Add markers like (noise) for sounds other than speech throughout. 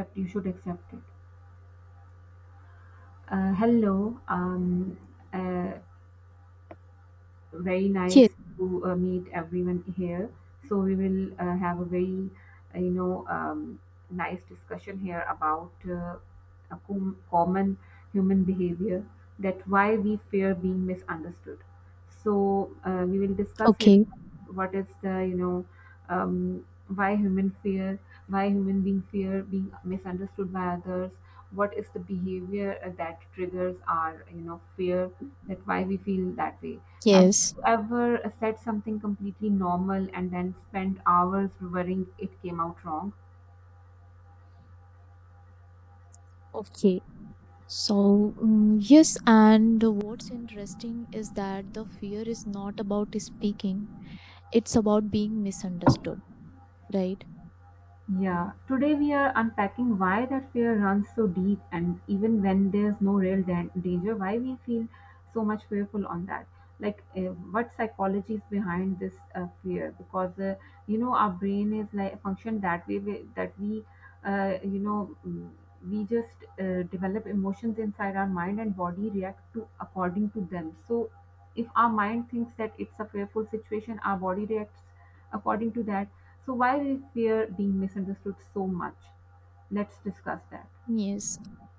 Accept, you should accept it. Hello. um uh, Very nice Yes, to meet everyone here. So we will have a very, uh, you know, um, nice discussion here about a common human behavior, that why we fear being misunderstood. So we will discuss here okay, what is the, um, why human fear, why human being fear being misunderstood by others. What is the behavior that triggers our fear, that why we feel that way? Have yes, ever said something completely normal and then spent hours worrying it came out wrong? okay. So, yes, and what's interesting is that the fear is not about speaking, it's about being misunderstood, right? Yeah, today we are unpacking why that fear runs so deep, and even when there's no real danger, why we feel so much fearful on that. Like, what psychology is behind this fear? Because you know our brain is like function that way we, uh, you know, mm, we just develop emotions inside our mind and body react to according to them. So, if our mind thinks that it's a fearful situation, our body reacts according to that, so why is fear being misunderstood so much? Let's discuss that. Yes,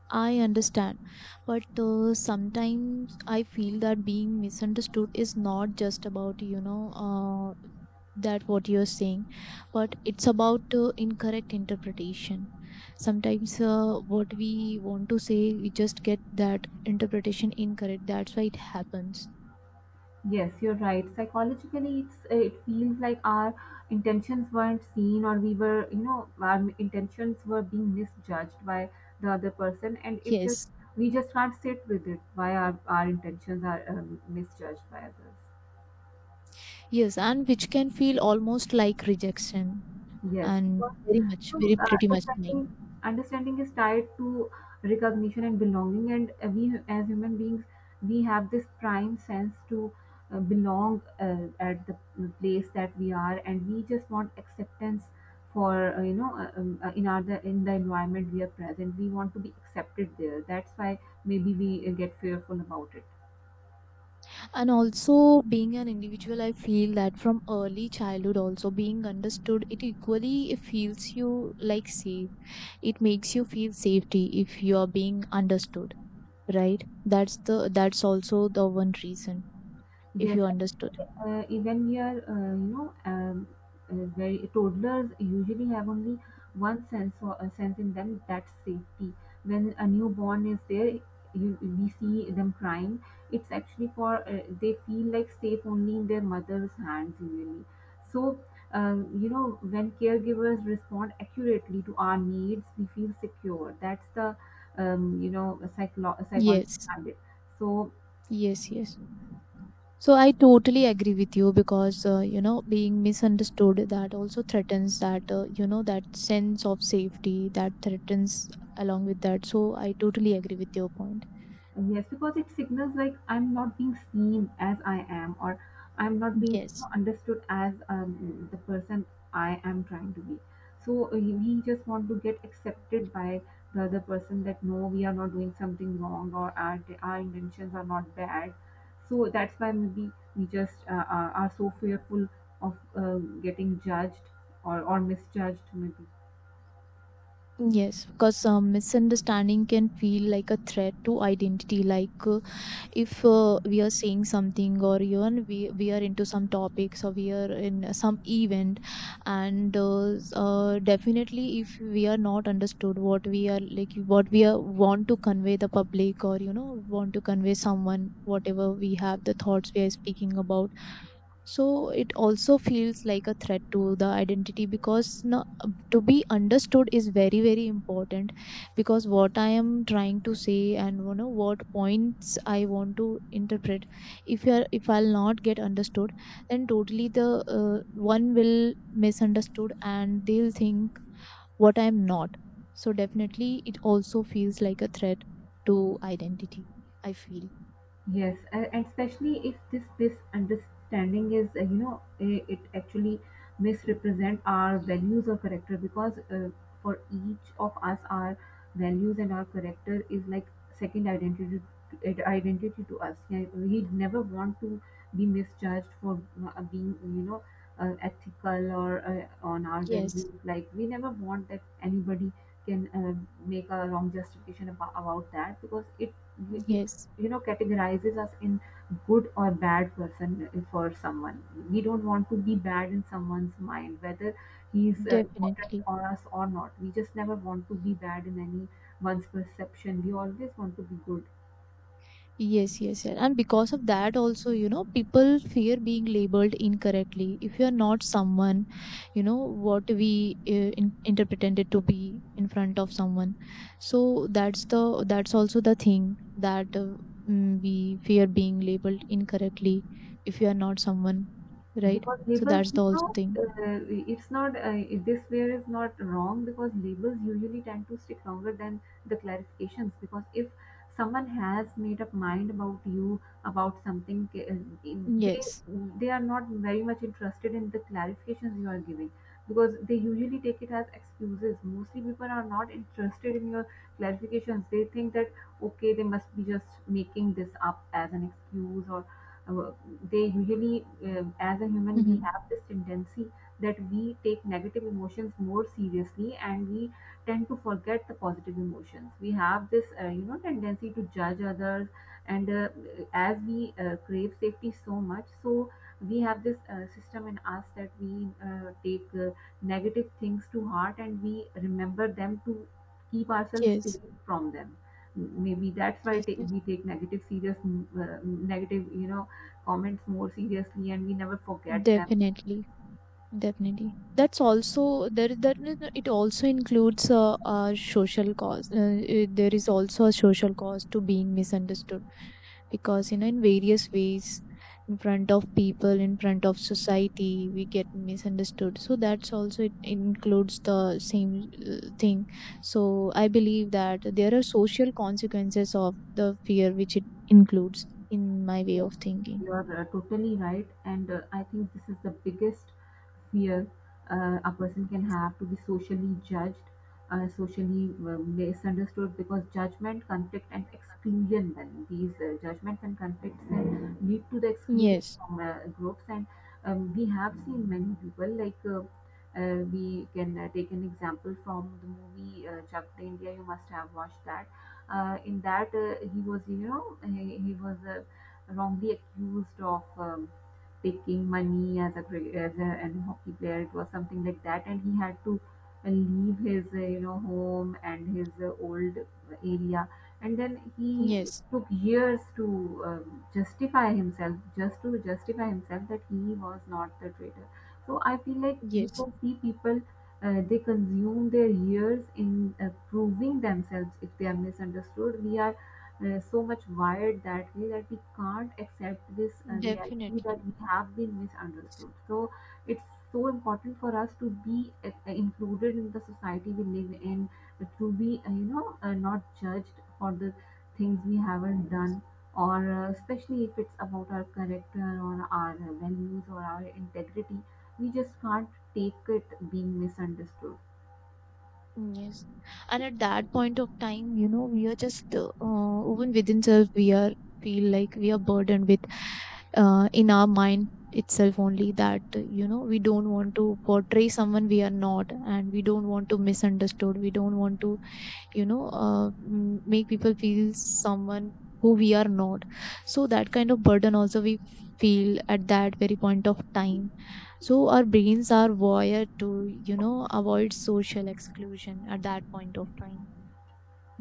I understand. But sometimes I feel that being misunderstood is not just about, you know, that what you're saying, but it's about incorrect interpretation. Sometimes what we want to say, we just get that interpretation incorrect. That's why it happens. Yes, you're right. Psychologically, it's it feels like our intentions weren't seen, or we were, our intentions were being misjudged by the other person, and it just, Yes, we just can't sit with it. Why our intentions are misjudged by others? yes, and which can feel almost like rejection, Yes. and So, very much very uh, pretty much time. understanding understanding is tied to recognition and belonging, and we, as human beings, we have this prime sense to belong at the place that we are, and we just want acceptance for in in the environment we are present. We want to be accepted there. That's why maybe we get fearful about it. And also, being an individual, I feel that from early childhood also, being understood, it equally feels you like safe. It makes you feel safety if you are being understood, right? That's also the one reason, if Yes, you understood. Even your very toddlers usually have only one sense or a sense in them, that's safety. When a newborn is there, we see them crying. It's actually for they feel like safe only in their mother's hands usually. So, when caregivers respond accurately to our needs, we feel secure. That's the psychology Yes, behind it. So, yes, yes. So I totally agree with you, because you know, being misunderstood, that also threatens that, you know, that sense of safety, that threatens along with that. So I totally agree with your point. yes, because it signals like I'm not being seen as I am, or I'm not being, you know, Yes, understood as the person I am trying to be. So we just want to get accepted by the other person that no, we are not doing something wrong, or our intentions are not bad. So that's why maybe we just are so fearful of getting judged, or misjudged, maybe. yes, because misunderstanding can feel like a threat to identity. Like, if we are saying something, or even we are into some topics, or we are in some event, and definitely, if we are not understood what we are, like what we are want to convey the public, or you know, want to convey someone, whatever we have the thoughts we are speaking about, so it also feels like a threat to the identity. Because no, to be understood is very, very important. Because what I am trying to say, and you know, what points I want to interpret, if you are if I'll not get understood, then totally the one will misunderstood, and they'll think what I am not. So definitely, it also feels like a threat to identity, I feel. Yes, and especially if this misunderstanding is, uh, it actually misrepresent our values or character, because for each of us, our values and our character is like second identity identity to us. Yeah, we never want to be misjudged for being, you know, ethical or on our Yes, values. Like, we never want that anybody can make a wrong justification about that, because it yes, you know categorizes us in good or bad person for someone. We don't want to be bad in someone's mind, whether he's important definitely. on us or not. We just never want to be bad in anyone's perception. We always want to be good Yes, yes, yes. And because of that, also, you know, people fear being labeled incorrectly. If you're not someone, you know, what we interpreted it to be in front of someone. So that's also the thing, that we fear being labeled incorrectly if you are not someone, right? because So labels, that's the also thing. It's not this way is not wrong, because labels usually tend to stick longer than the clarifications, because if someone has made up mind about you about something, they Yes. they are not very much interested in the clarifications you are giving, because they usually take it as excuses. Mostly people are not interested in your clarifications. They think that okay, they must be just making this up as an excuse, or uh, they usually, as a human, we Mm-hmm. have this tendency that we take negative emotions more seriously and we tend to forget the positive emotions. We have this tendency to judge others, and as we crave safety so much, so we have this system in us that we take negative things to heart and we remember them to keep ourselves Yes, safe from them. Maybe that's why yes, yes. we take negative serious, negative, you know, comments more seriously and we never forget them. Definitely. Definitely. That's also there. That no, no, it also includes a social cause. There is also a social cause to being misunderstood, because you know, in various ways, in front of people, in front of society, we get misunderstood. So that's also, it includes the same thing. So I believe that there are social consequences of the fear, which it includes in my way Yes, of thinking. you are totally right, and I think this is the biggest fear a person can have, to be socially judged, socially misunderstood, because judgment, conflict, and exclusion. Then these judgments and conflicts then lead to the exclusion Yes. from groups, and we have seen many people like. We can take an example from the movie Chak De India. You must have watched that. In that, he was, you know, he was wrongly accused of taking money as a an hockey player. It was something like that, and he had to leave his home and his old area, and then he Yes. took years to justify himself, just to justify himself that he was not the traitor. So I feel like you Yes. can see people. They consume their years in proving themselves if they are misunderstood. We are so much wired that way that we can't accept this reality that Definitely. we have been Yes. misunderstood. So it's so important for us to be included in the society we live in, to be, not judged for the things we haven't done, or especially if it's about our character or our values or our integrity, we just can't take it being misunderstood. Yes. And at that point of time, you know, we are just, even within self, we are feel like we are burdened with, in our mind itself only, that, you know, we don't want to portray someone we are not, and we don't want to misunderstood. We don't want to, make people feel someone who we are not. So that kind of burden also we feel at that very point of time. So our brains are wired to, avoid social exclusion at that point of time.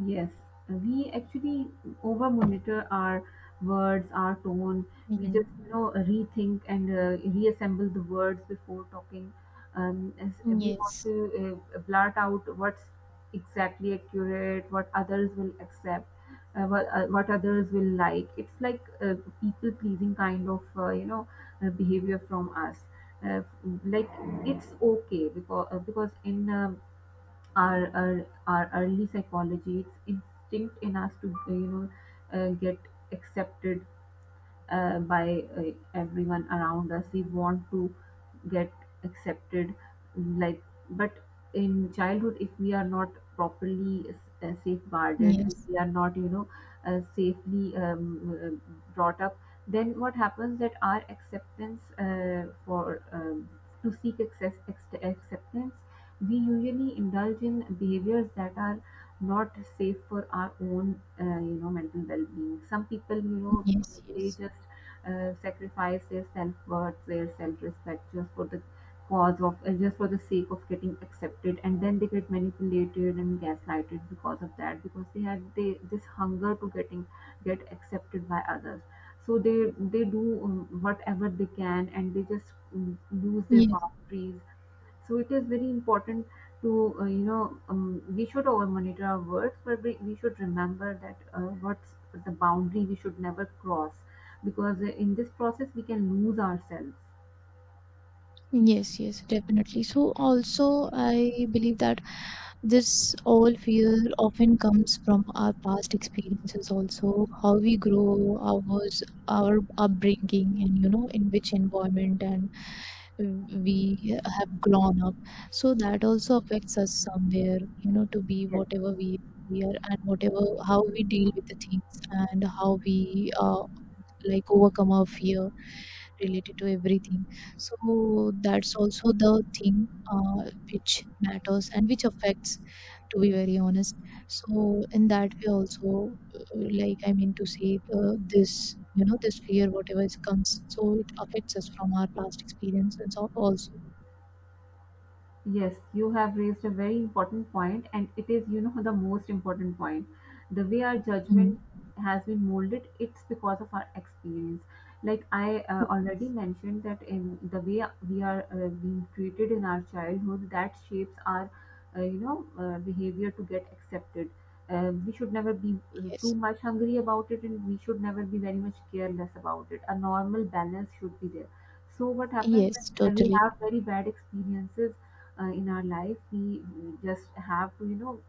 Yes, we actually over monitor our words, our tone. We just, Hmm. you know, rethink and reassemble the words before talking. As we want Yes. to blurt out what's exactly accurate, what others will accept, uh, what others will like. It's like people pleasing kind of, behavior from us. Uh, like, it's okay, because in our early psychology, it's instinct in us to get accepted by everyone around us. We want to get accepted, like, but in childhood, if we are not properly safeguarded and Yes. we are not, you know, safely brought up, then what happens that our acceptance for to seek acceptance, we usually indulge in behaviors that are not safe for our own, mental well-being. Some people, you know, Yes. they Yes. just sacrifice their self-worth, their self-respect just for the cause of, just for the sake of getting accepted, and then they get manipulated and gaslighted because of that, because they have they this hunger to get accepted by others. So they do whatever they can, and they just lose their Yes. boundaries. So it is very important to, we should over monitor our words, but we should remember that what's the boundary we should never cross, because in this process we can lose ourselves. Yes, yes, definitely. So, also, I believe that this all fear often comes from our past experiences, also how we grow, our upbringing, and you know, in which environment, and we have grown up. So that also affects us somewhere, you know, to be Yes. whatever we are, and whatever how we deal with the things, and how we like overcome our fear related to everything. So that's also the thing which matters, and which affects, to be very honest. So in that way also, like I mean to say, this, you know, this fear whatever is comes, so it affects us from our past experience and so also. Yes, you have raised a very important point, and it is, you know, the most important point. The way our Mm. judgment has been molded, it's because of our experience. Like, I already mentioned, that in the way we are being treated in our childhood, that shapes our, behavior to get accepted. We should never be too Yes. much hungry about it, and we should never be very much careless about it. A normal balance should be there. So what happens when Yes, we totally. have very bad experiences? In our life, we just have to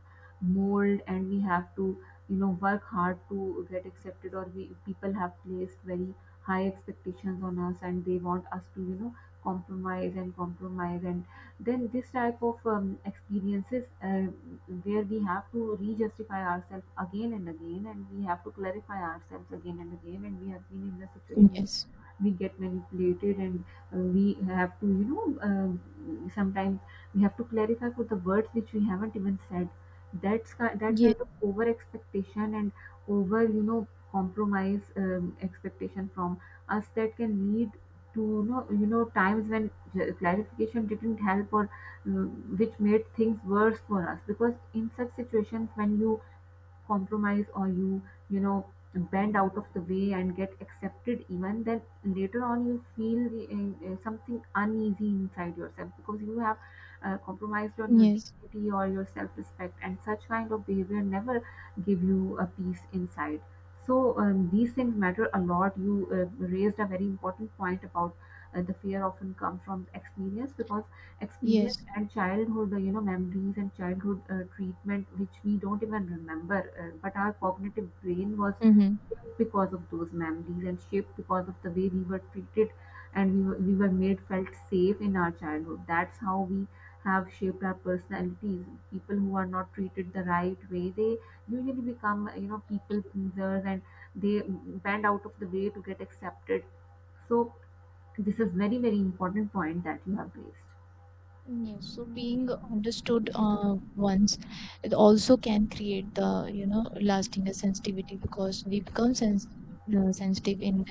mold, and we have to work hard to get accepted, or we people have placed very high expectations on us, and they want us to compromise and compromise, and then this type of experiences where we have to re-justify ourselves again and again, and we have to clarify ourselves again and again, and we have been in the situation Yes. we get manipulated, and we have to sometimes we have to clarify for the words which we haven't even said. That's that kind Yes. of over expectation and over compromise expectation from us that can lead to times when clarification didn't help, or which made things worse for us, because in such situations, when you compromise or you know bend out of the way and get accepted, even then later on you feel something uneasy inside yourself because you have compromised on your Yes. dignity or your self-respect, and such kind of behavior never give you a peace inside. So these things matter a lot. You raised a very important point about the fear often comes from experience, because experience Yes. and childhood memories and childhood treatment which we don't even remember, but our cognitive brain was Mm-hmm. shaped because of those memories, and shaped because of the way we were treated and we were made felt safe in our childhood. That's how we have shaped our personalities. People who are not treated the right way, they usually become people pleasers, and they bend out of the way to get accepted. So this is very very important point that you have raised. Yes, so being understood once, it also can create the, you know, lasting sensitivity, because we become sensitive in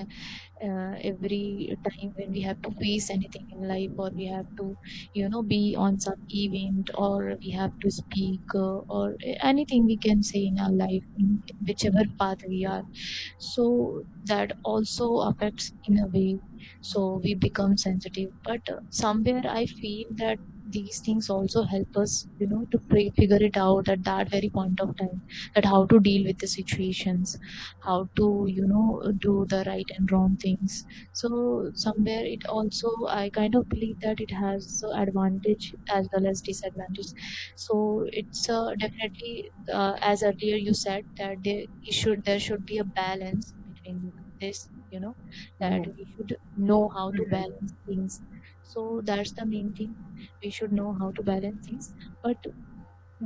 every time when we have to face anything in life, or we have to, you know, be on some event, or we have to speak or anything we can say in our life, in whichever path we are. So that also affects in a way. So we become sensitive, but somewhere I feel that these things also help us, you know, to figure it out at that very point of time, that how to deal with the situations, how to, you know, do the right and wrong things. So somewhere it also, I kind of believe that it has advantage as well as disadvantage. So it's definitely, as earlier you said, that there should be a balance between this, you know, that we should know how to Yes, balance things. So that's the main thing, we should know how to balance things. But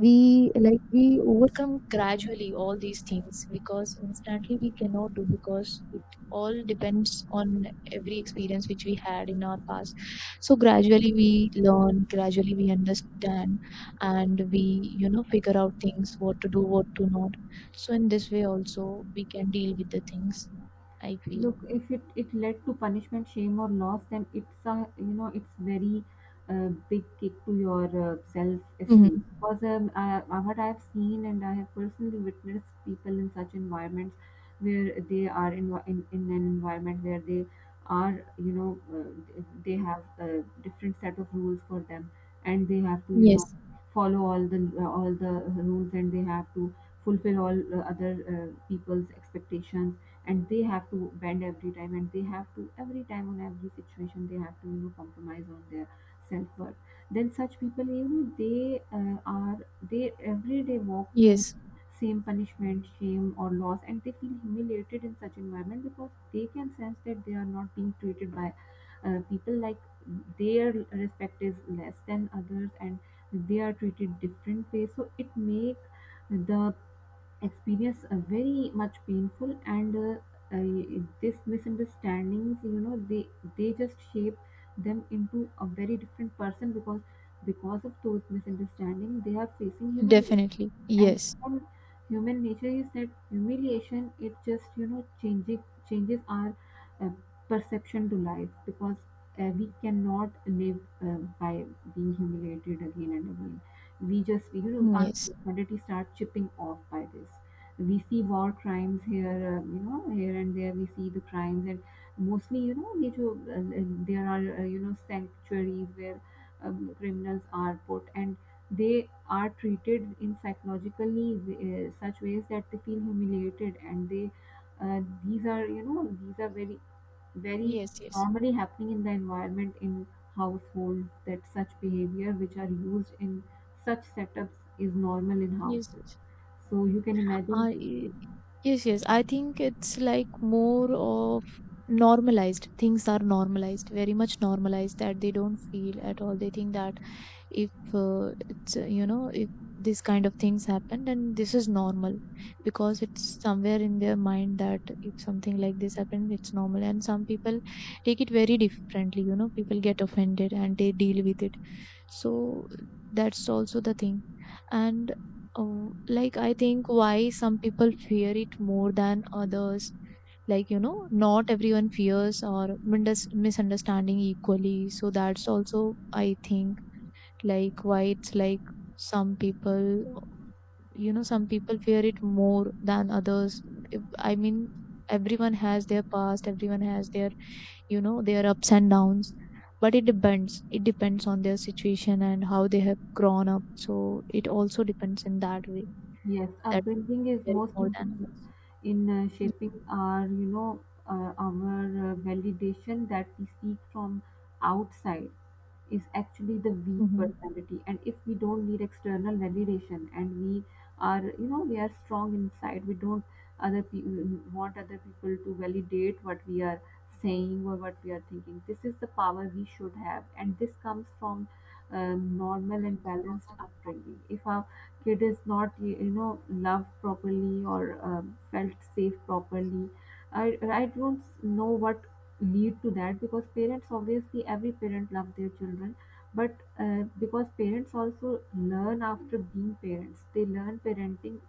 we, like we overcome gradually all these things, because instantly we cannot do, because it all depends on every experience which we had in our past. So gradually we learn, gradually we understand, and we, you know, figure out things, what to do what to not. So in this way also, we can deal with the things, I feel. look, if it it led to punishment, shame or loss, then it's a it's very big kick to your self esteem, Hmm. because what I have seen and I have personally witnessed people in such environments where they are in an environment where they are they have a different set of rules for them, and they have to Yes, follow all the rules, and they have to fulfill all other people's expectations, and they have to bend every time, and they have to every time on every situation they have to compromise on their self-worth. Then such people, they are, they every day walk through yes, same punishment, shame or loss, and they feel humiliated in such environment, because they can sense that they are not being treated by people like their respect is less than others, and they are treated different way, so it make the experience very much painful, and this misunderstandings, they just shape them into a very different person, because of those misunderstandings they are facing humiliation. definitely. And Yes, human, human nature is that humiliation, it just changing changes our uh, perception to life, because we cannot live by being humiliated again and again. We just our yes, humanity start chipping off by this. We see war crimes here, here and there, we see the crimes, and mostly they do, there are sanctuaries where criminals are put, and they are treated in psychologically such ways that they feel humiliated, and they these are these are very yes, normally happening in the environment, in households, that such behavior which are used in such setups is normal in yes, houses. yes. So you can imagine, Uh, y- yes, yes. I think it's like more of normalized. Things are normalized, very much normalized, that they don't feel at all. They think that if it's, you know, if these kind of things happen, then this is normal, because it's somewhere in their mind that if something like this happens, it's normal. And some people take it very differently, you know, people get offended and they deal with it. So that's also the thing. And like I think, why some people fear it more than others, like, you know, not everyone fears or misunderstanding equally. So that's also, I think, like, why it's like, some people, you know, some people fear it more than others. I mean, everyone has their past, everyone has their, you know, their ups and downs, but it depends on their situation, and how they have grown up. So it also depends in that way, yes, that upbringing is fear it most more than important others. in shaping our, our validation that we seek from outside. Is actually the weak Hmm. personality, and if we don't need external validation, and we are we are strong inside, we don't other people want other people to validate what we are saying or what we are thinking. This is the power we should have, and this comes from normal and balanced upbringing. If our kid is not loved properly, or felt safe properly, I don't know what lead to that, because parents obviously every parent loves their children, but because parents also learn after being parents, they learn parenting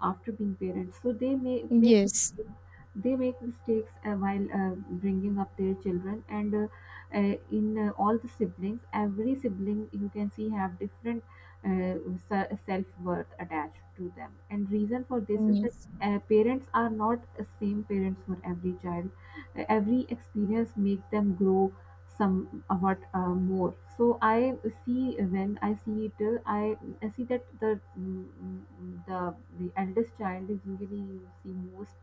after being parents, so they may make Yes, mistakes. They make mistakes while bringing up their children, and in all the siblings, every sibling you can see have different uh, self worth attached to them, and reason for this is that yes, parents are not same parents for every child. Every experience make them grow somewhat more, so I see when I see it, I see that the eldest child is usually the most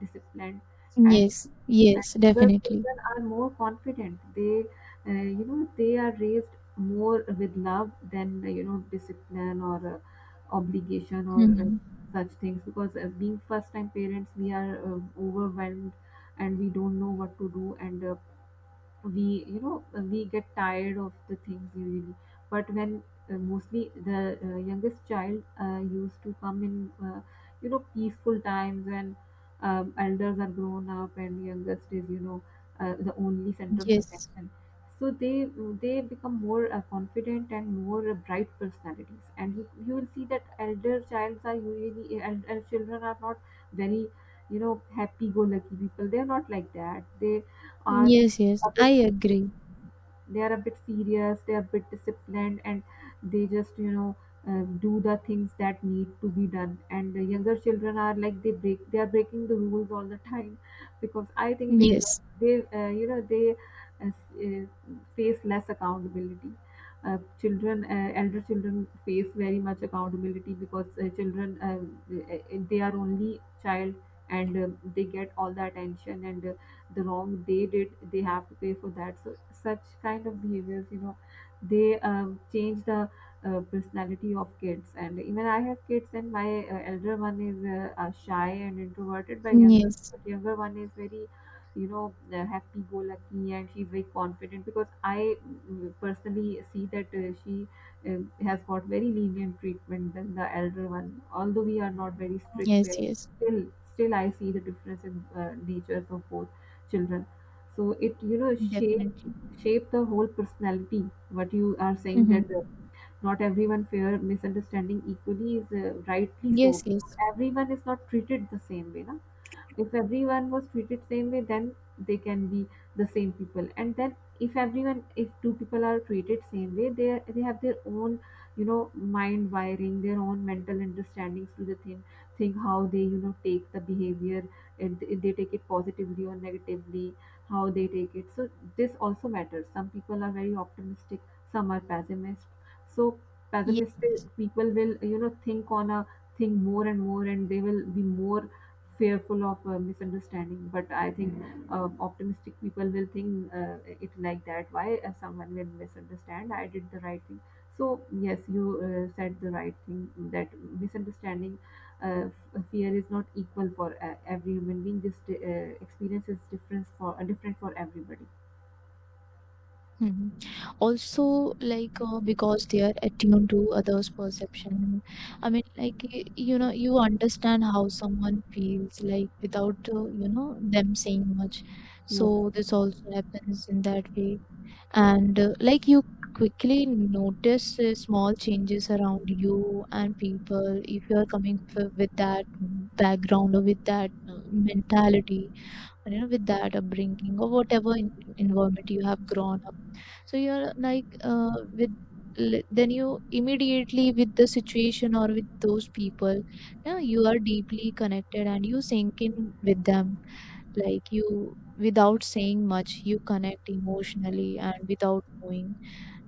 disciplined, and yes, yes, where definitely. children are more confident. They, they are raised more with love than discipline or obligation or Hmm. such things. Because being first-time parents, we are overwhelmed, and we don't know what to do, and we we get tired of the things usually. But when mostly the youngest child used to come in peaceful times, when elders are grown up and youngest is the only center of Yes, attention, so they become more confident and more bright personalities. And you will see that elder childs are usually and children are not very happy go lucky people. They are not like that. They are yes, yes. a bit I serious. agree. They are a bit serious. They are a bit disciplined, and they just do the things that need to be done. And the younger children are like they break. They are breaking the rules all the time, because I think Yes, they they uh, s- uh, face less accountability. Children, elder children face very much accountability, because children, they are only child, and they get all the attention, and the wrong they did they have to pay for that. So such kind of behaviors, they change the personality of kids. And even I have kids, and my elder one is shy and introverted by younger, yes. but younger one is very happy go lucky, and she's very confident, because I personally see that she has got very lenient treatment than the elder one, although we are not very strict Yes, parents. yes, Still, still I see the difference in natures of both children. So it definitely. shape the whole personality. What you are saying Hmm. that not everyone fear misunderstanding equally is rightly so, Yes, because yes, everyone is not treated the same way, na? If everyone was treated same way, then they can be the same people, and then if everyone if two people are treated same way, they have their own mind wiring, their own mental understandings to the thing, how they take the behavior and they take it positively or negatively, how they take it. So this also matters. Some people are very optimistic, some are pessimist. So yes. pessimistic Yes. people will think on a thing more and more, and they will be more fearful of a misunderstanding. But I think optimistic people will think it like that, why someone will misunderstand, I did the right thing. So yes, you said the right thing, that misunderstanding, uh, fear is not equal for every human being. This experience is different for different for everybody. Hmm. Also, like because they are attuned to others' perception. I mean, like, you know, you understand how someone feels, like, without you know, them saying much. So Yes, this also happens in that way, and like you quickly notice small changes around you and people, if you are coming with that background, or with that mentality, you know, with that upbringing, or whatever environment you have grown up. So you're like, then you immediately with the situation or with those people, yeah, you are deeply connected, and you sink in with them. Like, you without saying much, you connect emotionally and without knowing,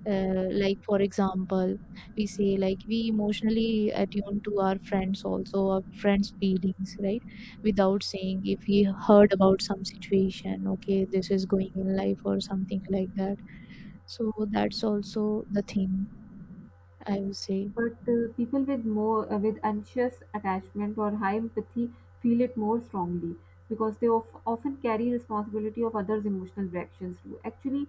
like for example, we say, like we emotionally attune to our friends, also our friends' feelings, right? Without saying, if we heard about some situation, okay, this is going in life or something like that. So that's also the thing, I would say. but people with more with anxious attachment or high empathy feel it more strongly, because they often carry responsibility of others' emotional reactions too. Actually,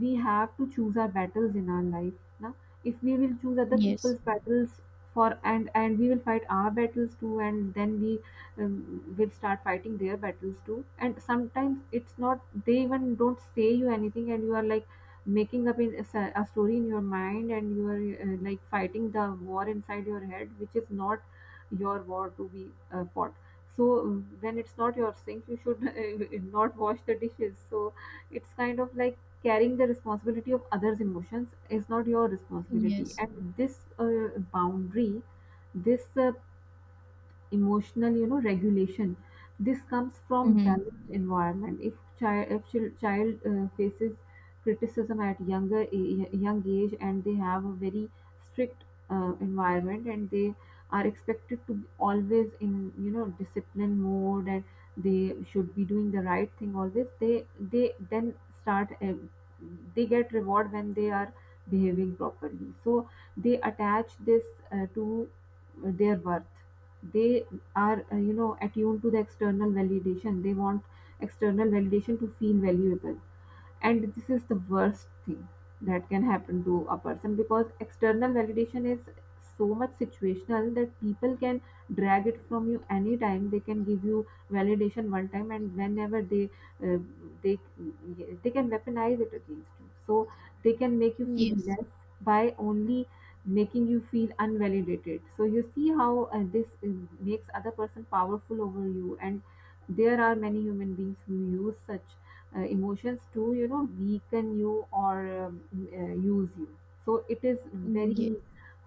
we have to choose our battles in our life. Now, if we will choose other Yes. people's battles for, and we will fight our battles too, and then we um, will start fighting their battles too. And sometimes it's not, they even don't say you anything, and you are like making up in a, a story in your mind, and you are like fighting the war inside your head which is not your war to be fought. So when it's not your sink, you should (laughs) not wash the dishes. So it's kind of like carrying the responsibility of others emotions is not your responsibility. Yes. And this boundary, this emotional regulation, this comes from Mm-hmm. balanced environment. If child if chil- child faces criticism at young age, and they have a very strict environment, and they are expected to be always in discipline mode, and they should be doing the right thing always, they then start they get reward when they are behaving properly, so they attach this to their worth. They are attuned to the external validation. They want external validation to feel valuable, and this is the worst thing that can happen to a person, because external validation is so much situational that people can drag it from you anytime. They can give you validation one time, and whenever uh, they they can weaponize it against you. So they can make you feel Yes. less by only making you feel unvalidated. So you see how this makes other person powerful over you, and there are many human beings who use such emotions to weaken you, or use you. So it is Yes. very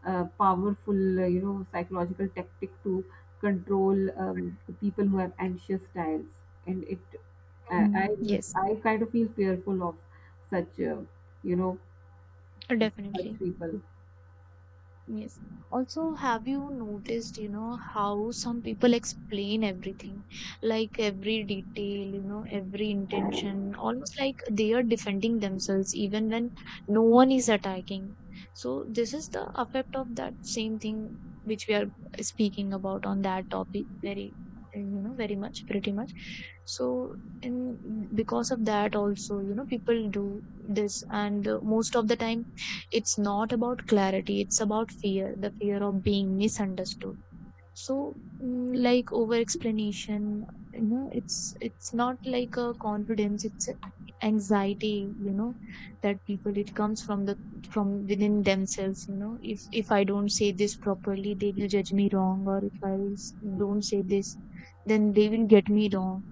powerful psychological tactic to control the people who have anxious styles. And it Mm-hmm. Yes. I kind of feel fearful of such you know such Definitely. people. Yes. Also, have you noticed, you know, how some people explain everything, like every detail, you know, every intention, almost like they are defending themselves even when no one is attacking. So, this is the effect of that same thing which we are speaking about on that topic very, you know, very much, pretty much. So, in because of that, also, you know, people do this, and most of the time, it's not about clarity, it's about fear, the fear of being misunderstood. So, like over explanation, you know, it's not like a confidence, it's a anxiety, you know, that people, it comes from the from within themselves. You know, if I don't say this properly, they will judge me wrong, or if don't say this, then they will get me wrong.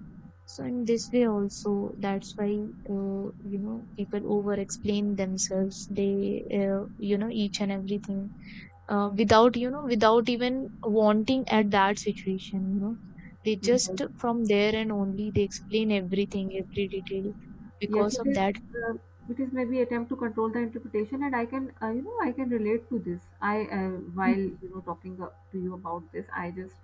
So in this way also, that's why, you know, people over explain themselves. They you know, each and everything, without, without even wanting at that situation. You know, they Yeah, just from there and only they explain everything every detail yes, because it of is. that. Uh, it is maybe attempt to control the interpretation, and I can, I can relate to this. While talking to you about this, I just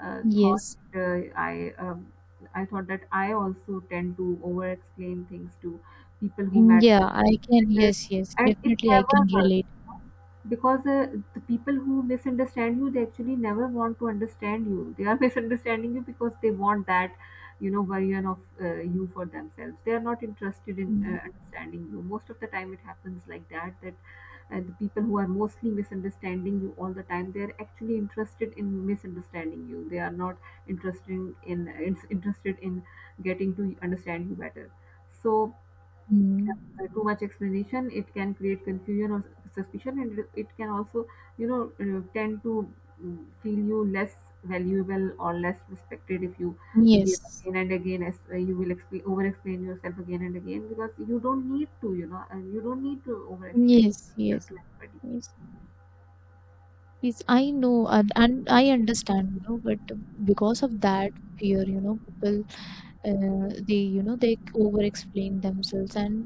thought Yes. uh, I, um, I thought that I also tend to over explain things to people who matter, Yeah, I can. uh, Yes, yes. and it Definitely, I never can hurts, relate. because the people who misunderstand you, they actually never want to understand you. They are (laughs) misunderstanding you because they want that version of you for themselves. They are not interested in Mm, understanding you. Most of the time it happens like that, that the people who are mostly misunderstanding you all the time, they are actually interested in misunderstanding you. They are not interested in, interested in getting to understand you better. So mm. Too much explanation, it can create confusion or suspicion, and it can also you know tend to feel you less valuable or less respected, if you give Yes. again and again, as you will explain over explain yourself again and again, because you don't need to, and you don't need to over explain Yes, yourself yes. to anybody. Yes. Yes, I know, and, I understand, you know, but because of that fear, you know, people, they, you know, they over-explain themselves, and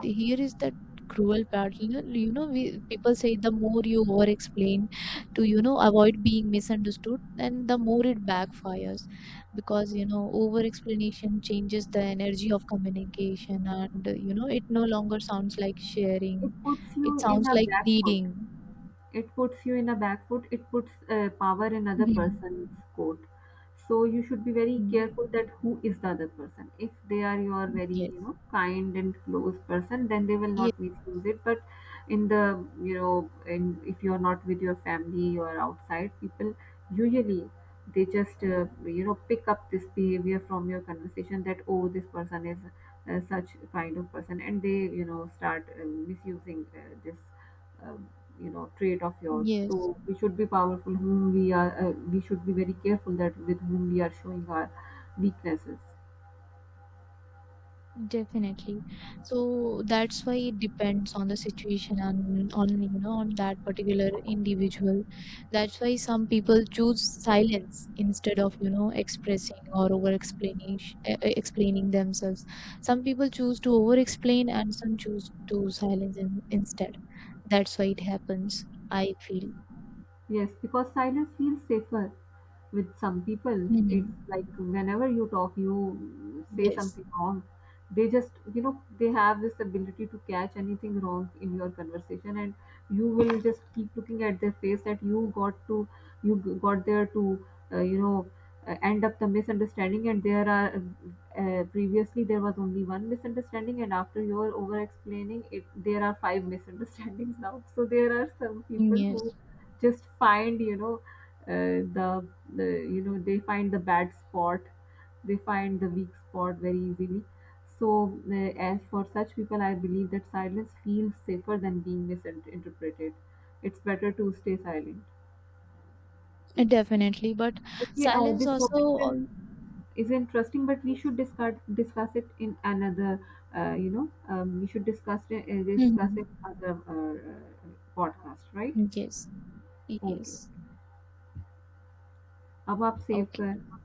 here is that cruel part. You know, we people say, the more you over-explain to, you know, avoid being misunderstood, then the more it backfires, because, you know, over-explanation changes the energy of communication, and you know, it no longer sounds like It sharing; puts it you in sounds a like bad foot, pleading. it puts you in a back foot, it puts power in other Mhm. person's court. So you should be very Mm. careful that who is the other person. If they are your very Yes, kind and close person, then they will yes, not misuse it. But in the in if you are not with your family or outside people, usually they just pick up this behavior from your conversation, that oh this person is such kind of person, and they start misusing this uh, trait of yours. yes, So we should be powerful whom we are, we should be very careful that with whom we are showing our weaknesses. definitely. So that's why it depends on the situation, and on, you know, on that particular individual. That's why some people choose silence instead of, you know, expressing or over explaining themselves. Some people choose to over explain, and some choose to silence, instead. That's why it happens, I feel. Yes, because silence feels safer. With some people, Mhm. it's like whenever you talk you say Yes, something wrong. They just they have this ability to catch anything wrong in your conversation, and you will just keep looking at their face that you got to, got there to uh, you know end up the misunderstanding, and there are previously there was only one misunderstanding, and after your over explaining it there are five (laughs) misunderstandings now. So there are some people who yes, just find uh, the the they find the bad spot, they find the weak spot very easily. So as for such people, I believe that silence feels safer than being misinterpreted. It's better to stay silent. definitely. But Okay, silence this also, topic al- is interesting, but we yes. should discuss it in another we should discuss it Mhm. Other podcast, right? Yes. Okay. Yes. अब आप save Okay. कर